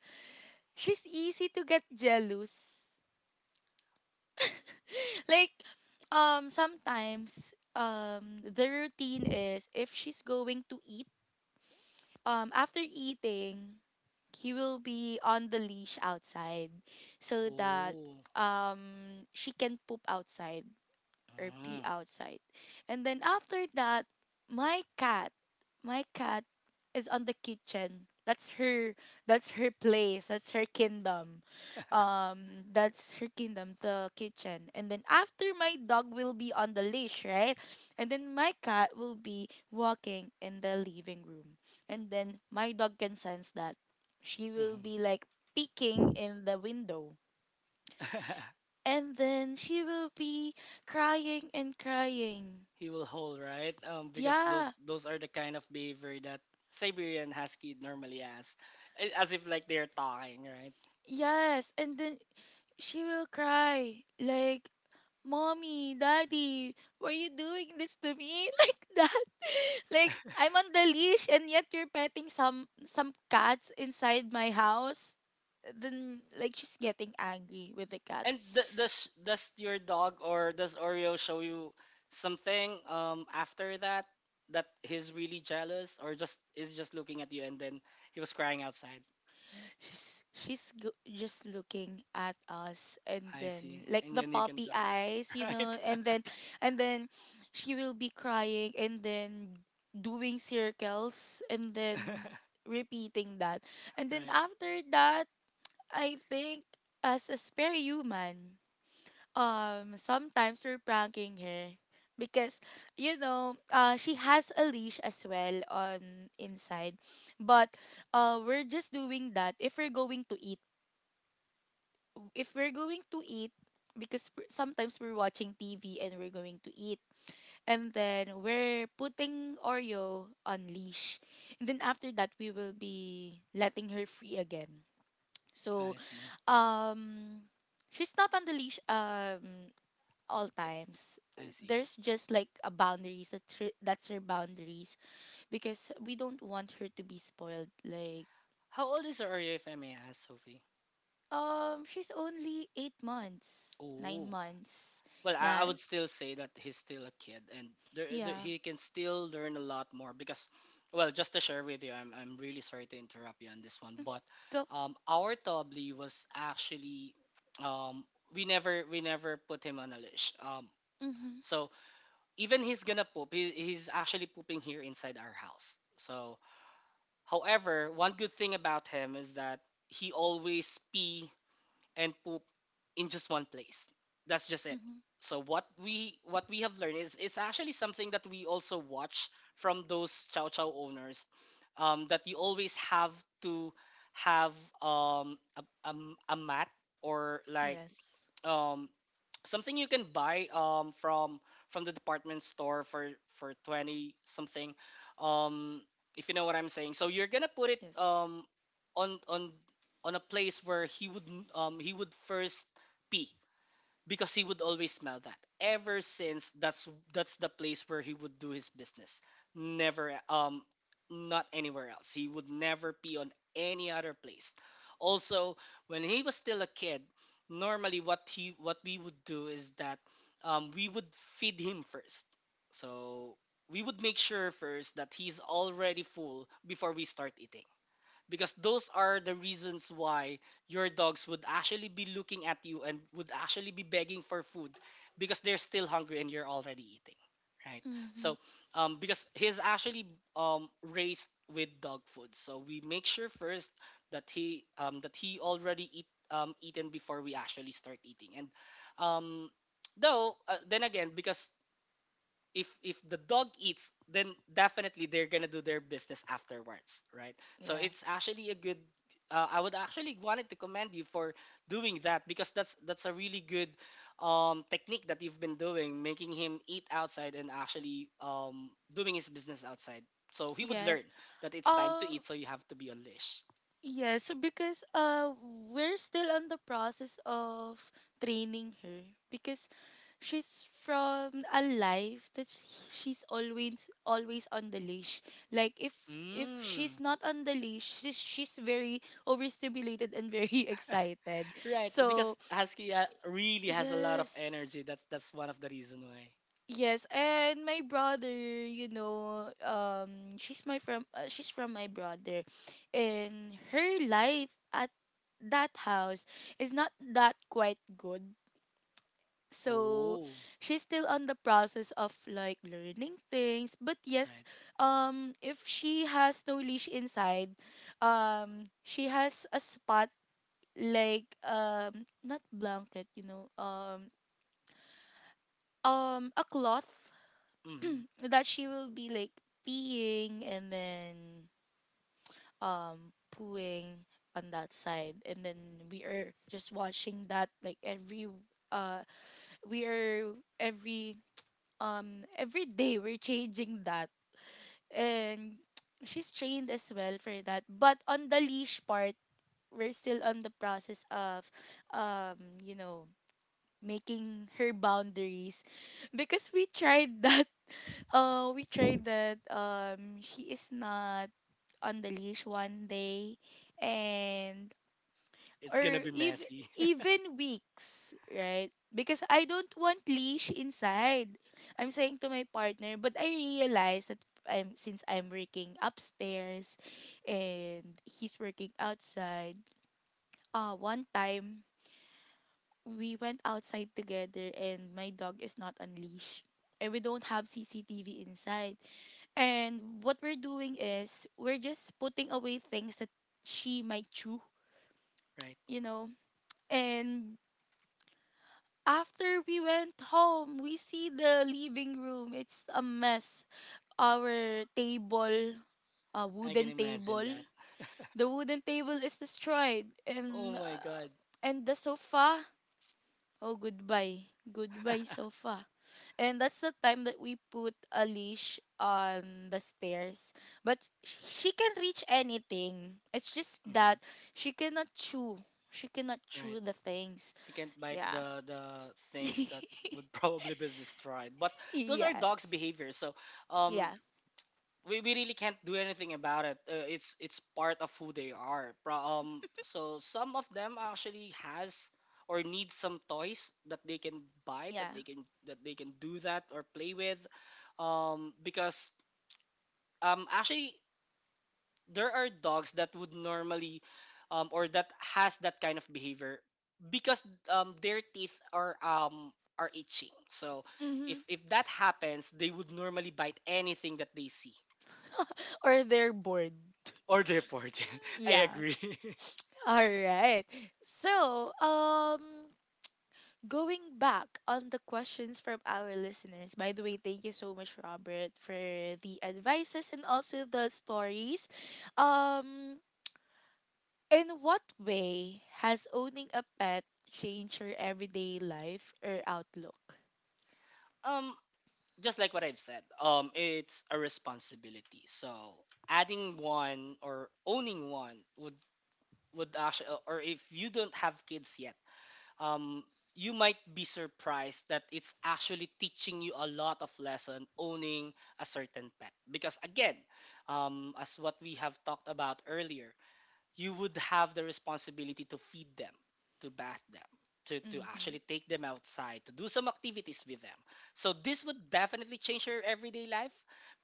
S1: she's easy to get jealous. Like, um, sometimes, um, the routine is if she's going to eat, um, after eating, he will be on the leash outside so that
S2: Oh.
S1: um she can poop outside or pee outside. And then after that, my cat, my cat is on the kitchen. That's her that's her place. That's her kingdom. Um, that's her kingdom, the kitchen. And then after my dog will be on the leash, right? And then my cat will be walking in the living room. And then my dog can sense that. She will
S2: Mm-hmm.
S1: be like peeking in the window. And then she will be crying and crying.
S2: He will hold, right? Um, because
S1: Yeah,
S2: those those are the kind of behavior that Siberian Husky normally has. A- as if like they're talking, right?
S1: yes. And then she will cry like, "Mommy, Daddy, why are you doing this to me?" Like that. Like I'm on the leash and yet you're petting some some cats inside my house. Then like she's getting angry with the cat.
S2: And th- does does your dog, or does Oreo show you something um after that, that he's really jealous, or just is just looking at you and then he was crying outside?
S1: She's she's go- just looking at us and
S2: I
S1: then
S2: see,
S1: like
S2: and
S1: the
S2: then you can
S1: puppy
S2: tell,
S1: eyes, you know,
S2: right?
S1: and then and then she will be crying and then doing circles and then repeating that. And then
S2: Right.
S1: after that, I think as a spare human um sometimes we're pranking her because you know uh she has a leash as well on inside but uh we're just doing that if we're going to eat, if we're going to eat because we're, sometimes we're watching T V and we're going to eat and then we're putting Oreo on leash and then after that we will be letting her free again, so
S2: I see.
S1: um she's not on the leash um all times.
S2: I
S1: Uh,
S2: see.
S1: there's just like a boundaries that her, that's her boundaries because we don't want her to be spoiled like
S2: How old is Oreo, if I may ask, Sophie?
S1: um she's only eight months, nine
S2: Oh.
S1: months.
S2: Well, I, I
S1: Yeah.
S2: would still say that he's still a kid, and there, there,
S1: Yeah.
S2: he can still learn a lot more, because, well, just to share with you, I'm, I'm really sorry to interrupt you on this one,
S1: Mhm,
S2: but
S1: go.
S2: um, our Tobli was actually um, we never we never put him on a leash. Um,
S1: Mhm.
S2: so even he's gonna poop, he, he's actually pooping here inside our house. So, however, one good thing about him is that he always pee and poop in just one place. That's just it.
S1: Mhm.
S2: So what we what we have learned is it's actually something that we also watch from those chow chow owners, um, that you always have to have um, a, a, a mat, or like
S1: Yes.
S2: um, something you can buy um from from the department store for for twenty something, um, if you know what I'm saying. So you're gonna put it
S1: Yes.
S2: um on on on a place where he would um he would first pee, because he would always smell that ever since. that's that's the place where he would do his business, never um, not anywhere else. He would never pee on any other place. Also, when he was still a kid, normally what he, what we would do is that um, we would feed him first. So we would make sure first that he's already full before we start eating, because those are the reasons why your dogs would actually be looking at you and would actually be begging for food, because they're still hungry and you're already eating, right?
S1: Mhm.
S2: So um, because he's actually um, raised with dog food, so we make sure first that he um, that he already eat um, eaten before we actually start eating. And um, though uh, then again, because if if the dog eats, then definitely they're gonna do their business afterwards, right? So
S1: Yeah.
S2: it's actually a good, uh, I would actually wanted to commend you for doing that, because that's that's a really good um, technique that you've been doing, making him eat outside and actually um, doing his business outside, so he would learn
S1: Yes.
S2: that it's time to
S1: Um,
S2: eat, so you have to be on leash.
S1: yeah, so because uh we're still on the process of training her because she's from a life that sh- she's always always on the leash. Like if if
S2: Mm,
S1: she's not on the leash, she's she's very overstimulated and very excited.
S2: right, because
S1: So
S2: husky uh, really has a lot of
S1: yes.
S2: energy. that's that's one of the reason why.
S1: Yes, and my brother, you know, um, she's my from uh, she's from my brother, and her life at that house is not that quite good. So
S2: Oh.
S1: she's still on the process of like learning things. But yes,
S2: Right.
S1: um, if she has no leash inside, um, she has a spot like um not blanket, you know, um um a cloth
S2: Hmm.
S1: that she will be like peeing and then um pooing on that side and then we are just watching that like every uh we are every um every day we're changing that and she's trained as well for that, but on the leash part we're still on the process of um you know making her boundaries because we tried that. Uh, we tried that. Um, she is not on the leash one day, and
S2: It's gonna
S1: or
S2: be
S1: ev-
S2: messy,
S1: even weeks, right? Because I don't want leash inside. I'm saying to my partner, but I realize that I'm since I'm working upstairs, and he's working outside. Uh, one time we went outside together, and my dog is not on leash, and we don't have C C T V inside. And what we're doing is we're just putting away things that she might chew,
S2: right?
S1: you know. And after we went home, we see the living room. It's a mess. Our table, a
S2: I can
S1: wooden
S2: imagine
S1: table,
S2: that.
S1: the wooden table is destroyed, and
S2: Oh my
S1: uh,
S2: god.
S1: and the sofa. Oh, goodbye. Goodbye, sofa. And that's the time that we put a leash on the stairs. But sh- she can reach anything. It's just that
S2: Hmm.
S1: she cannot chew. She cannot chew
S2: Right.
S1: the things.
S2: He can't bite
S1: Yeah.
S2: the the things that would probably be destroyed. But those are dogs'
S1: Yes.
S2: behavior, so um,
S1: Yeah.
S2: we, we really can't do anything about it. Uh, it's it's part of who they are. Pro- um, so some of them actually has or need some toys that they can bite,
S1: Yeah.
S2: that they can, that they can do that or play with, um, because um actually there are dogs that would normally um, or that has that kind of behavior, because um, their teeth are um, are itching. So
S1: Mm-hmm.
S2: if if that happens, they would normally bite anything that they see,
S1: Or they're bored.
S2: or deport. I
S1: Yeah.
S2: agree.
S1: All right. So, um, going back on the questions from our listeners, by the way, thank you so much, Robert, for the advices and also the stories. Um, in what way has owning a pet changed your everyday life or outlook?
S2: Um, just like what I've said, um, it's a responsibility. So adding one or owning one would would actually, or if you don't have kids yet um, you might be surprised that it's actually teaching you a lot of lesson owning a certain pet, because again um, as what we have talked about earlier, you would have the responsibility to feed them, to bath them, to, to
S1: Mm-hmm.
S2: actually take them outside, to do some activities with them. So this would definitely change your everyday life,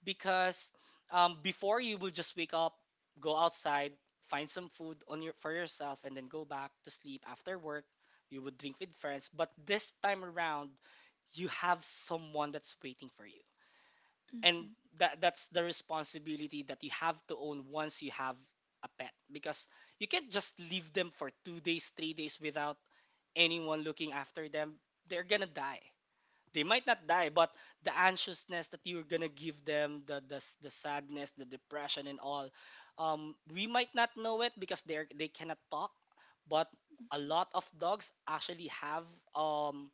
S2: because um, before you will just wake up, go outside, find some food on your, for yourself, and then go back to sleep after work. You would drink with friends, but this time around, you have someone that's waiting for you, and
S1: Mm-hmm.
S2: that that's the responsibility that you have to own once you have a pet, because you can't just leave them for two days three days without anyone looking after them. They're going to die. They might not die, but the anxiousness that you're going to give them, the, the s- the sadness, the depression, and all, um, we might not know it because they're they cannot talk. But a lot of dogs actually have um,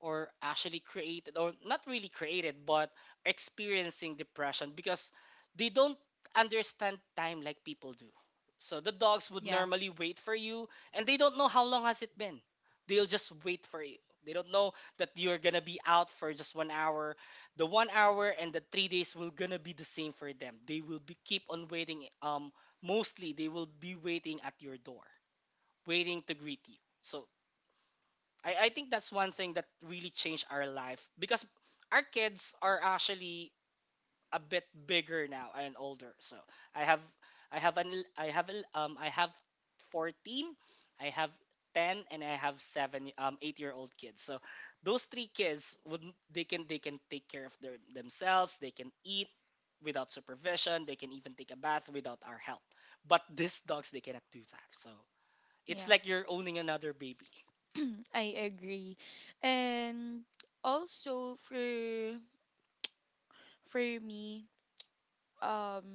S2: or actually created, or not really created, but experiencing depression, because they don't understand time like people do. So the dogs would
S1: Yeah,
S2: normally wait for you, and they don't know how long has it been. They'll just wait for you. They don't know that you're gonna be out for just one hour. The one hour and the three days will gonna be the same for them. They will be keep on waiting, um, mostly they will be waiting at your door, waiting to greet you. So I, I think that's one thing that really changed our life, because our kids are actually a bit bigger now and older. So I have, I have an I have a- um I have fourteen, I have ten, and I have seven, um, eight year old kids. So those three kids would, they can, they can take care of their, themselves, they can eat without supervision, they can even take a bath without our help. But these dogs, they cannot do that. So it's
S1: yeah.
S2: like you're owning another baby,
S1: I agree. And also for for me, um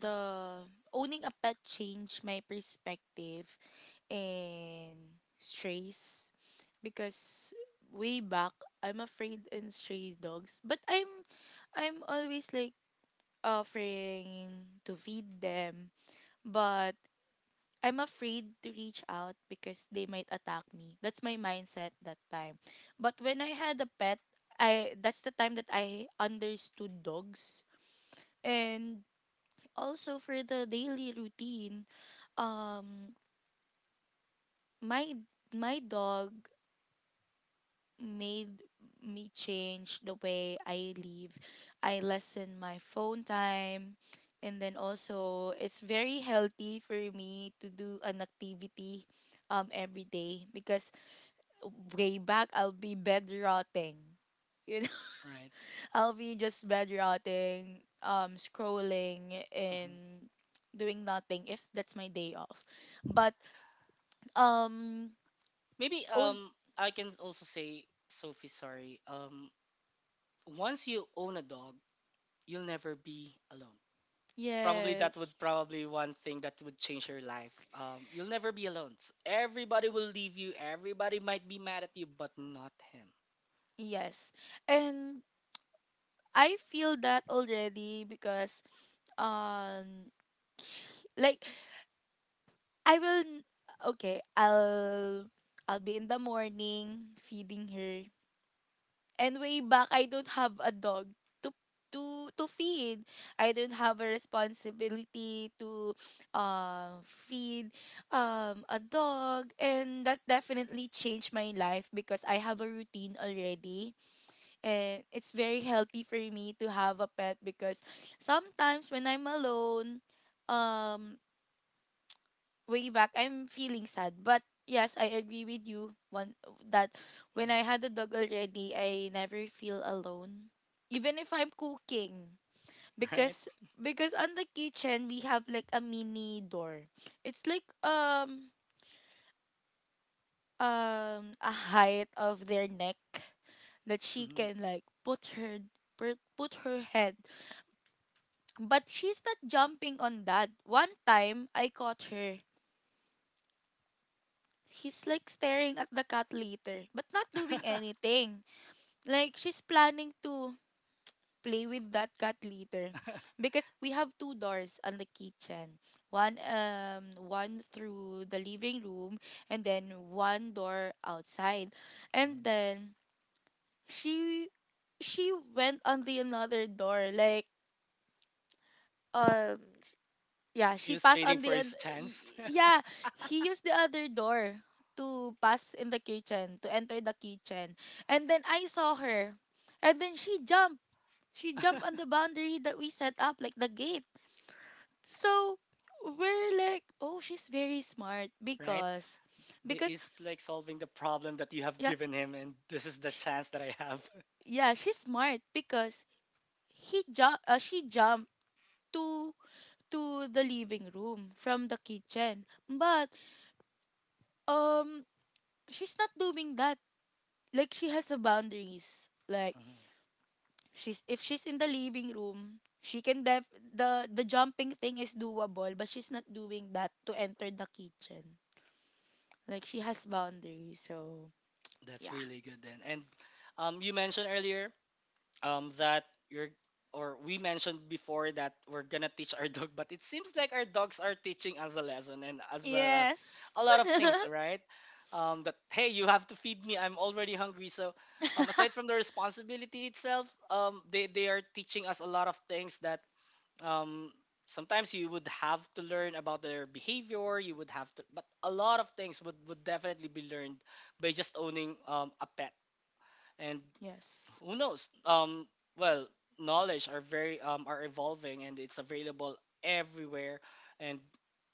S1: the owning a pet changed my perspective and strays because way back I'm afraid in stray dogs, but I'm I'm always like offering to feed them, but I'm afraid to reach out because they might attack me. That's my mindset that time. But when I had a pet, I that's the time that I understood dogs. And also for the daily routine, um my my dog made me change the way I live. I lessen my phone time, and then also it's very healthy for me to do an activity um every day because way back I'll be bed rotting. You know,
S2: right?
S1: I'll be just bed rotting, um, scrolling
S2: Mm-hmm.
S1: and doing nothing if that's my day off. But um,
S2: Maybe
S1: own
S2: um, I can also say, Sophie, sorry. Um, once you own a dog, you'll never be alone. Probably that
S1: yes,
S2: would probably one thing that would change your life. Um, you'll never be alone. S- Everybody will leave you. Everybody might be mad at you, but not him.
S1: yes, and I feel that already because um like I will n- okay, I'll I'll be in the morning feeding her. And way back I don't have a dog to to to feed. I don't have a responsibility to uh feed um a dog, and that definitely changed my life because I have a routine already, and it's very healthy for me to have a pet because sometimes when I'm alone, um, way back I'm feeling sad. But yes, I agree with you one that when
S2: Mm.
S1: I had a dog already, I never feel alone, even if I'm cooking
S2: Right?
S1: because because on the kitchen we have like a mini door. It's like um um a height of their neck that she
S2: Mhm.
S1: can like put her put put her head. But she's not jumping on that. One time, I caught her. He's like staring at the cat litter, but not doing anything. Like, she's planning to play with that cat litter because we have two doors on the kitchen, one um one through the living room, and then one door outside,
S2: Mhm.
S1: and then she she went on the another door like um yeah,
S2: He
S1: she
S2: was
S1: passed on
S2: waiting for
S1: the
S2: his
S1: oth- y-
S2: chance.
S1: yeah, he used the other door to pass in the kitchen, to enter the kitchen. And then I saw her. And then she jumped. She jumped on the boundary that we set up, like the gate. So we're like, oh, she's very smart
S2: Right?
S1: because
S2: This
S1: because
S2: is like solving the problem that you have
S1: yeah,
S2: given him, and this is the
S1: she,
S2: chance that I have.
S1: yeah, she's smart because he jump uh, she jumped to to the living room from the kitchen. But um she's not doing that, like she has a boundaries. Like
S2: Mhm.
S1: she's if she's in the living room, she can def the the jumping thing is doable, but she's not doing that to enter the kitchen. Like she has boundaries, so
S2: That's
S1: yeah.
S2: really good then. And um, you mentioned earlier um, that you're, or we mentioned before that we're gonna teach our dog, but it seems like our dogs are teaching us a lesson, and as well as
S1: Yes.
S2: a lot of things, right? Um, that hey, you have to feed me, I'm already hungry. So um, aside from the responsibility itself, um, they they are teaching us a lot of things that um, sometimes you would have to learn about their behavior. You would have to, but a lot of things would, would definitely be learned by just owning um, a pet. And
S1: Yes.
S2: who knows um, well, knowledge are very um, are evolving, and it's available everywhere. And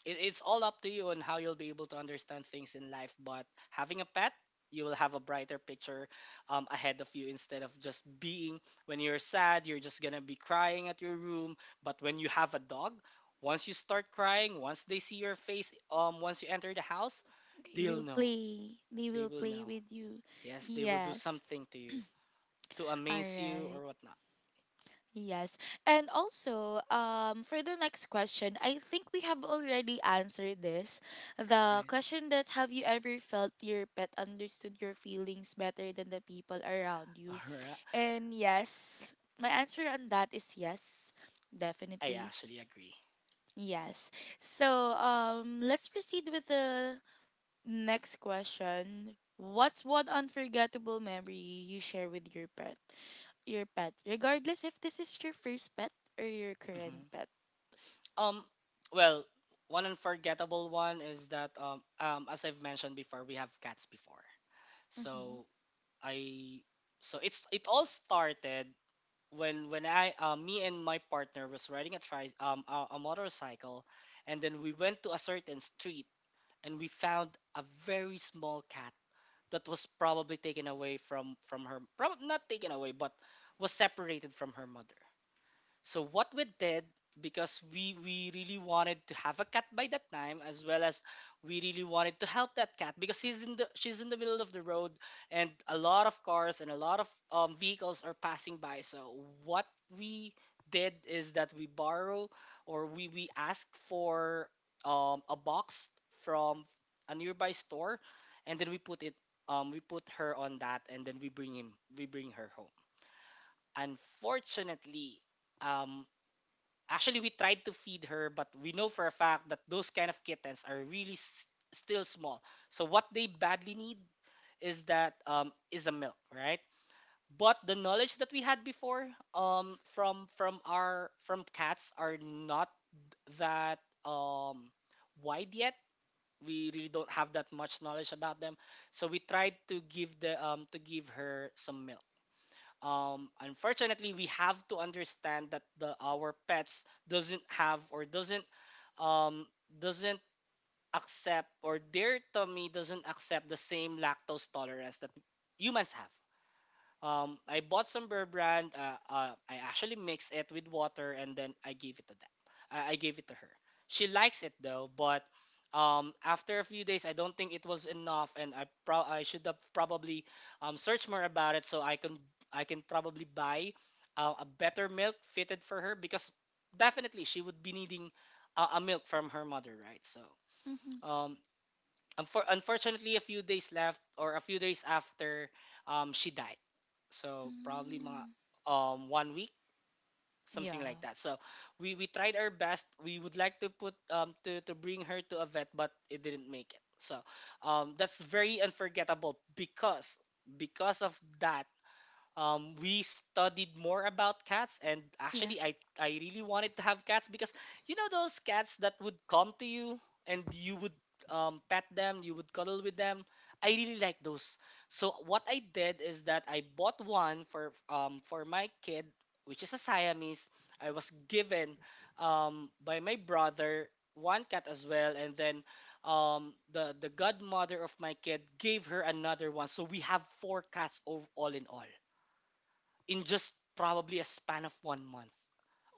S2: it, it's all up to you on how you'll be able to understand things in life. But having a pet, you will have a brighter picture um, ahead of you, instead of just being, when you're sad, you're just gonna be crying at your room. But when you have a dog, once you start crying, once they see your face, um, once you enter the house,
S1: They
S2: they'll
S1: will
S2: know,
S1: play. They
S2: they
S1: will
S2: will
S1: play
S2: know,
S1: with you.
S2: yes, they will do
S1: Yes.
S2: something to you to
S1: All
S2: amaze you
S1: right.
S2: or whatnot,
S1: Yes. And also, um, for the next question, I think we have already answered this. The
S2: right?
S1: question that have you ever felt your pet understood your feelings better than the people around
S2: All
S1: you?
S2: right.
S1: And yes, my answer on that is yes.
S2: I
S1: Definitely.
S2: actually agree.
S1: Yes. So, um, let's proceed with the next question. What's one unforgettable memory you share with your pet? Your pet, regardless if this is your first pet or your current
S2: Hmm.
S1: pet.
S2: Um, well, one unforgettable one is that um, um, as I've mentioned before, we have cats before.
S1: Mm-hmm.
S2: So I so it's it all started when when I uh, me and my partner was riding a tri um a, a motorcycle, and then we went to a certain street, and we found a very small cat that was probably taken away from from her, probably not taken away but was separated from her mother. So what we did, because we we really wanted to have a cat by that time, as well as we really wanted to help that cat because she's in the she's in the middle of the road and a lot of cars and a lot of um, vehicles are passing by. So what we did is that we borrow, or we we ask for um, a box from a nearby store, and then we put it um, we put her on that and then we bring him we bring her home. Unfortunately, um, actually we tried to feed her, but we know for a fact that those kind of kittens are really s- still small, so what they badly need is that um, is a milk, right? But the knowledge that we had before, um, from from our from cats, are not that um, wide yet. We really don't have that much knowledge about them, so we tried to give the um, to give her some milk. Um unfortunately, we have to understand that the our pets doesn't have, or doesn't um doesn't accept, or their tummy doesn't accept the same lactose tolerance that humans have. um, I bought some beer brand. Uh, uh, I actually mixed it with water and then I gave it to them. I, I gave it to her. She likes it though, but um, after a few days, I don't think it was enough, and I pro- I should have probably um, searched more about it so I can I can probably buy uh, a better milk fitted for her, because definitely she would be needing uh, a milk from her mother, right? So.
S1: Mm-hmm.
S2: Um, Unfor- unfortunately, a few days left, or a few days after, um, she died. So probably mga,
S1: Mm.
S2: um one week, something like
S1: Yeah.
S2: that. So we we tried our best. We would like to put um to to bring her to a vet, but it didn't make it. So um that's very unforgettable, because because of that um, we studied more about cats. And
S1: Yeah.
S2: actually I, I really wanted to have cats because, you know, those cats that would come to you and you would um, pet them, you would cuddle with them. I really like those. So what I did is that I bought one for um, for my kid, which is a Siamese. I was given um, by my brother one cat as well, and then um, the the godmother of my kid gave her another one, so we have four cats ov- all in all, in just probably a span of one month.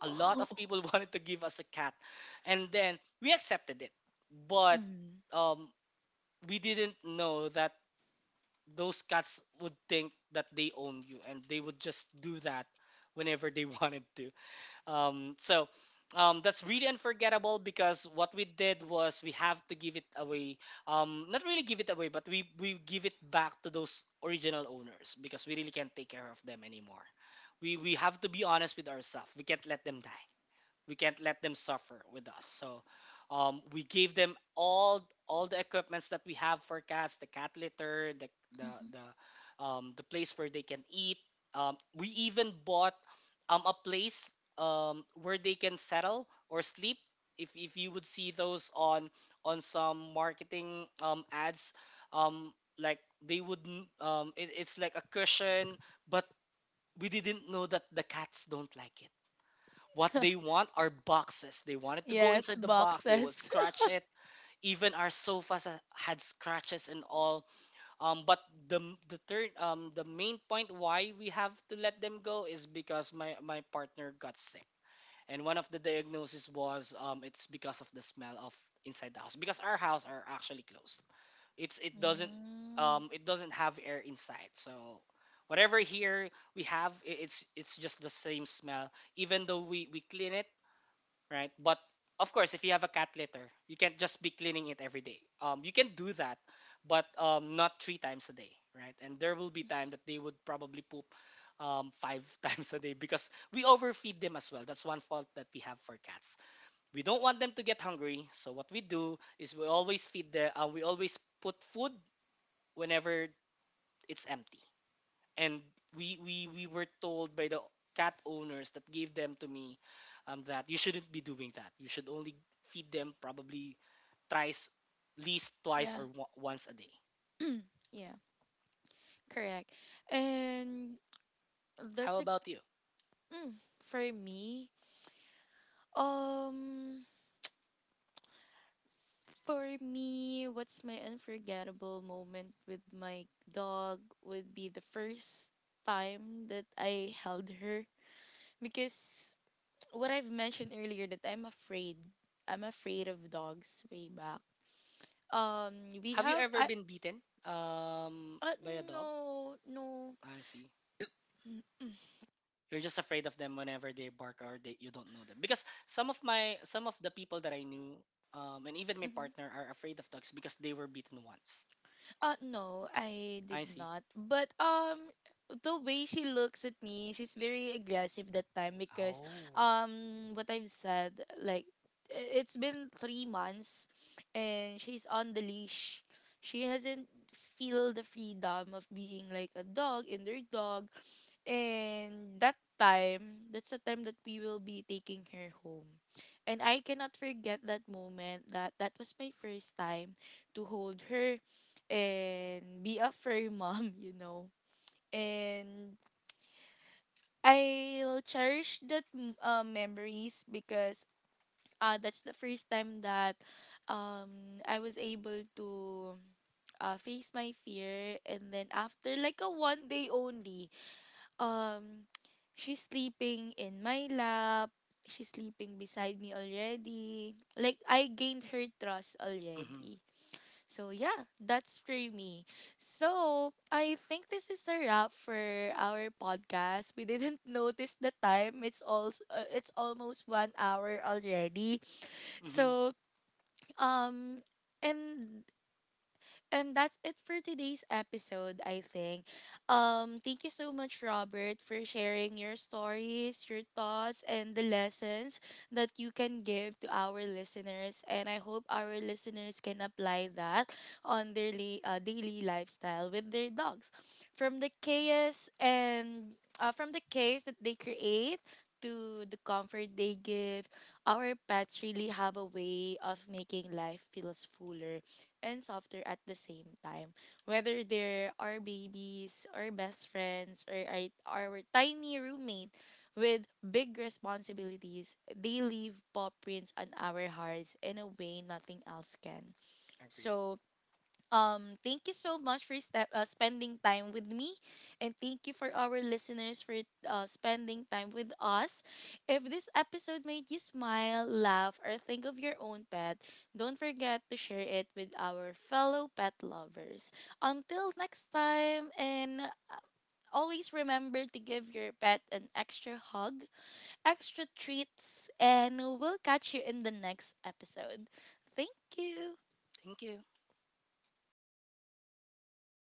S2: A lot of
S1: Oh.
S2: people wanted to give us a cat, and then we accepted it. But
S1: Mm.
S2: um, we didn't know that those cats would think that they own you, and they would just do that whenever they wanted to. Um, so um, that's really unforgettable, because what we did was we have to give it away. Um, not really give it away, but we we give it back to those original owners because we really can't take care of them anymore. We we have to be honest with ourselves. We can't let them die, we can't let them suffer with us. So um, we gave them all all the equipments that we have for cats: the cat litter, the the
S1: Mm-hmm.
S2: the, um, the place where they can eat, um, we even bought um, a place um, where they can settle or sleep. If, if you would see those on on some marketing um, ads, um, like they would um, it, it's like a cushion, but we didn't know that the cats don't like it. What they want are boxes. They wanted to go
S1: Yes,
S2: inside the box. They will
S1: boxes.
S2: scratch it. Even our sofas ha- had scratches and all. Um, but the the third, um the main point why we have to let them go is because my my partner got sick. And one of the diagnosis was, um it's because of the smell of inside the house, because our house are actually closed. It's it doesn't
S1: Mm,
S2: um it doesn't have air inside. So whatever here we have, i- it's it's just the same smell, even though we we clean it, right? But of course, if you have a cat litter, you can't just be cleaning it every day. Um, you can do that, but um, not three times a day, right? And there will be time that they would probably poop um, five times a day, because we overfeed them as well. That's one fault that we have for cats. We don't want them to get hungry, so what we do is we always feed the, uh, we always put food whenever it's empty. And we we we were told by the cat owners that gave them to me um, that you shouldn't be doing that. You should only feed them probably thrice, least twice
S1: yeah,
S2: or w- once a day.
S1: yeah, correct. And
S2: How
S1: that's a
S2: about you?
S1: for me. Um, for me, what's my unforgettable moment with my dog would be the first time that I held her because what I've mentioned earlier that I'm afraid. I'm afraid of dogs way back. Um, we
S2: Have you
S1: have
S2: ever
S1: I
S2: been beaten um,
S1: uh,
S2: by a dog?
S1: no, no.
S2: I see. You're just afraid of them whenever they bark, or they, you don't know them. Because some of my some of the people that I knew um, and even my
S1: Mm-hmm.
S2: partner are afraid of dogs because they were beaten once.
S1: Uh no, I
S2: I
S1: did
S2: see.
S1: not. But um the way she looks at me, she's very aggressive that time because
S2: Oh.
S1: um what I've said like i- it's been three months, and she's on the leash. She hasn't feel the freedom of being like a dog in their dog, and that time that's the time that we will be taking her home, and I cannot forget that moment that that was my first time to hold her and be a fair mom, you know. And I'll cherish that m- uh, memories because uh, that's the first time that um, I was able to uh, face my fear. And then after like a one day only, um, she's sleeping in my lap. She's sleeping beside me already. Like I gained her trust
S2: Mm-hmm.
S1: already. So yeah, that's for me. So I think this is a wrap for our podcast. We didn't notice the time. It's also uh, it's almost one hour already.
S2: Mm-hmm.
S1: So um, and and that's it for today's episode, I think. Um, thank you so much, Robert, for sharing your stories, your thoughts, and the lessons that you can give to our listeners. And I hope our listeners can apply that on their li- uh, daily lifestyle with their dogs. From the chaos and uh, from the chaos that they create to the comfort they give, our pets really have a way of making life feels fuller and softer at the same time. Whether they're our babies, our best friends, or our, our tiny roommate with big responsibilities, they leave paw prints on our hearts in a way nothing else can.
S2: Agreed.
S1: So, um, thank you so much for step, uh, spending time with me, and thank you for our listeners for uh, spending time with us. If this episode made you smile, laugh, or think of your own pet, don't forget to share it with our fellow pet lovers. Until next time, and uh, always remember to give your pet an extra hug, extra treats, and we'll catch you in the next episode. Thank you.
S2: Thank you.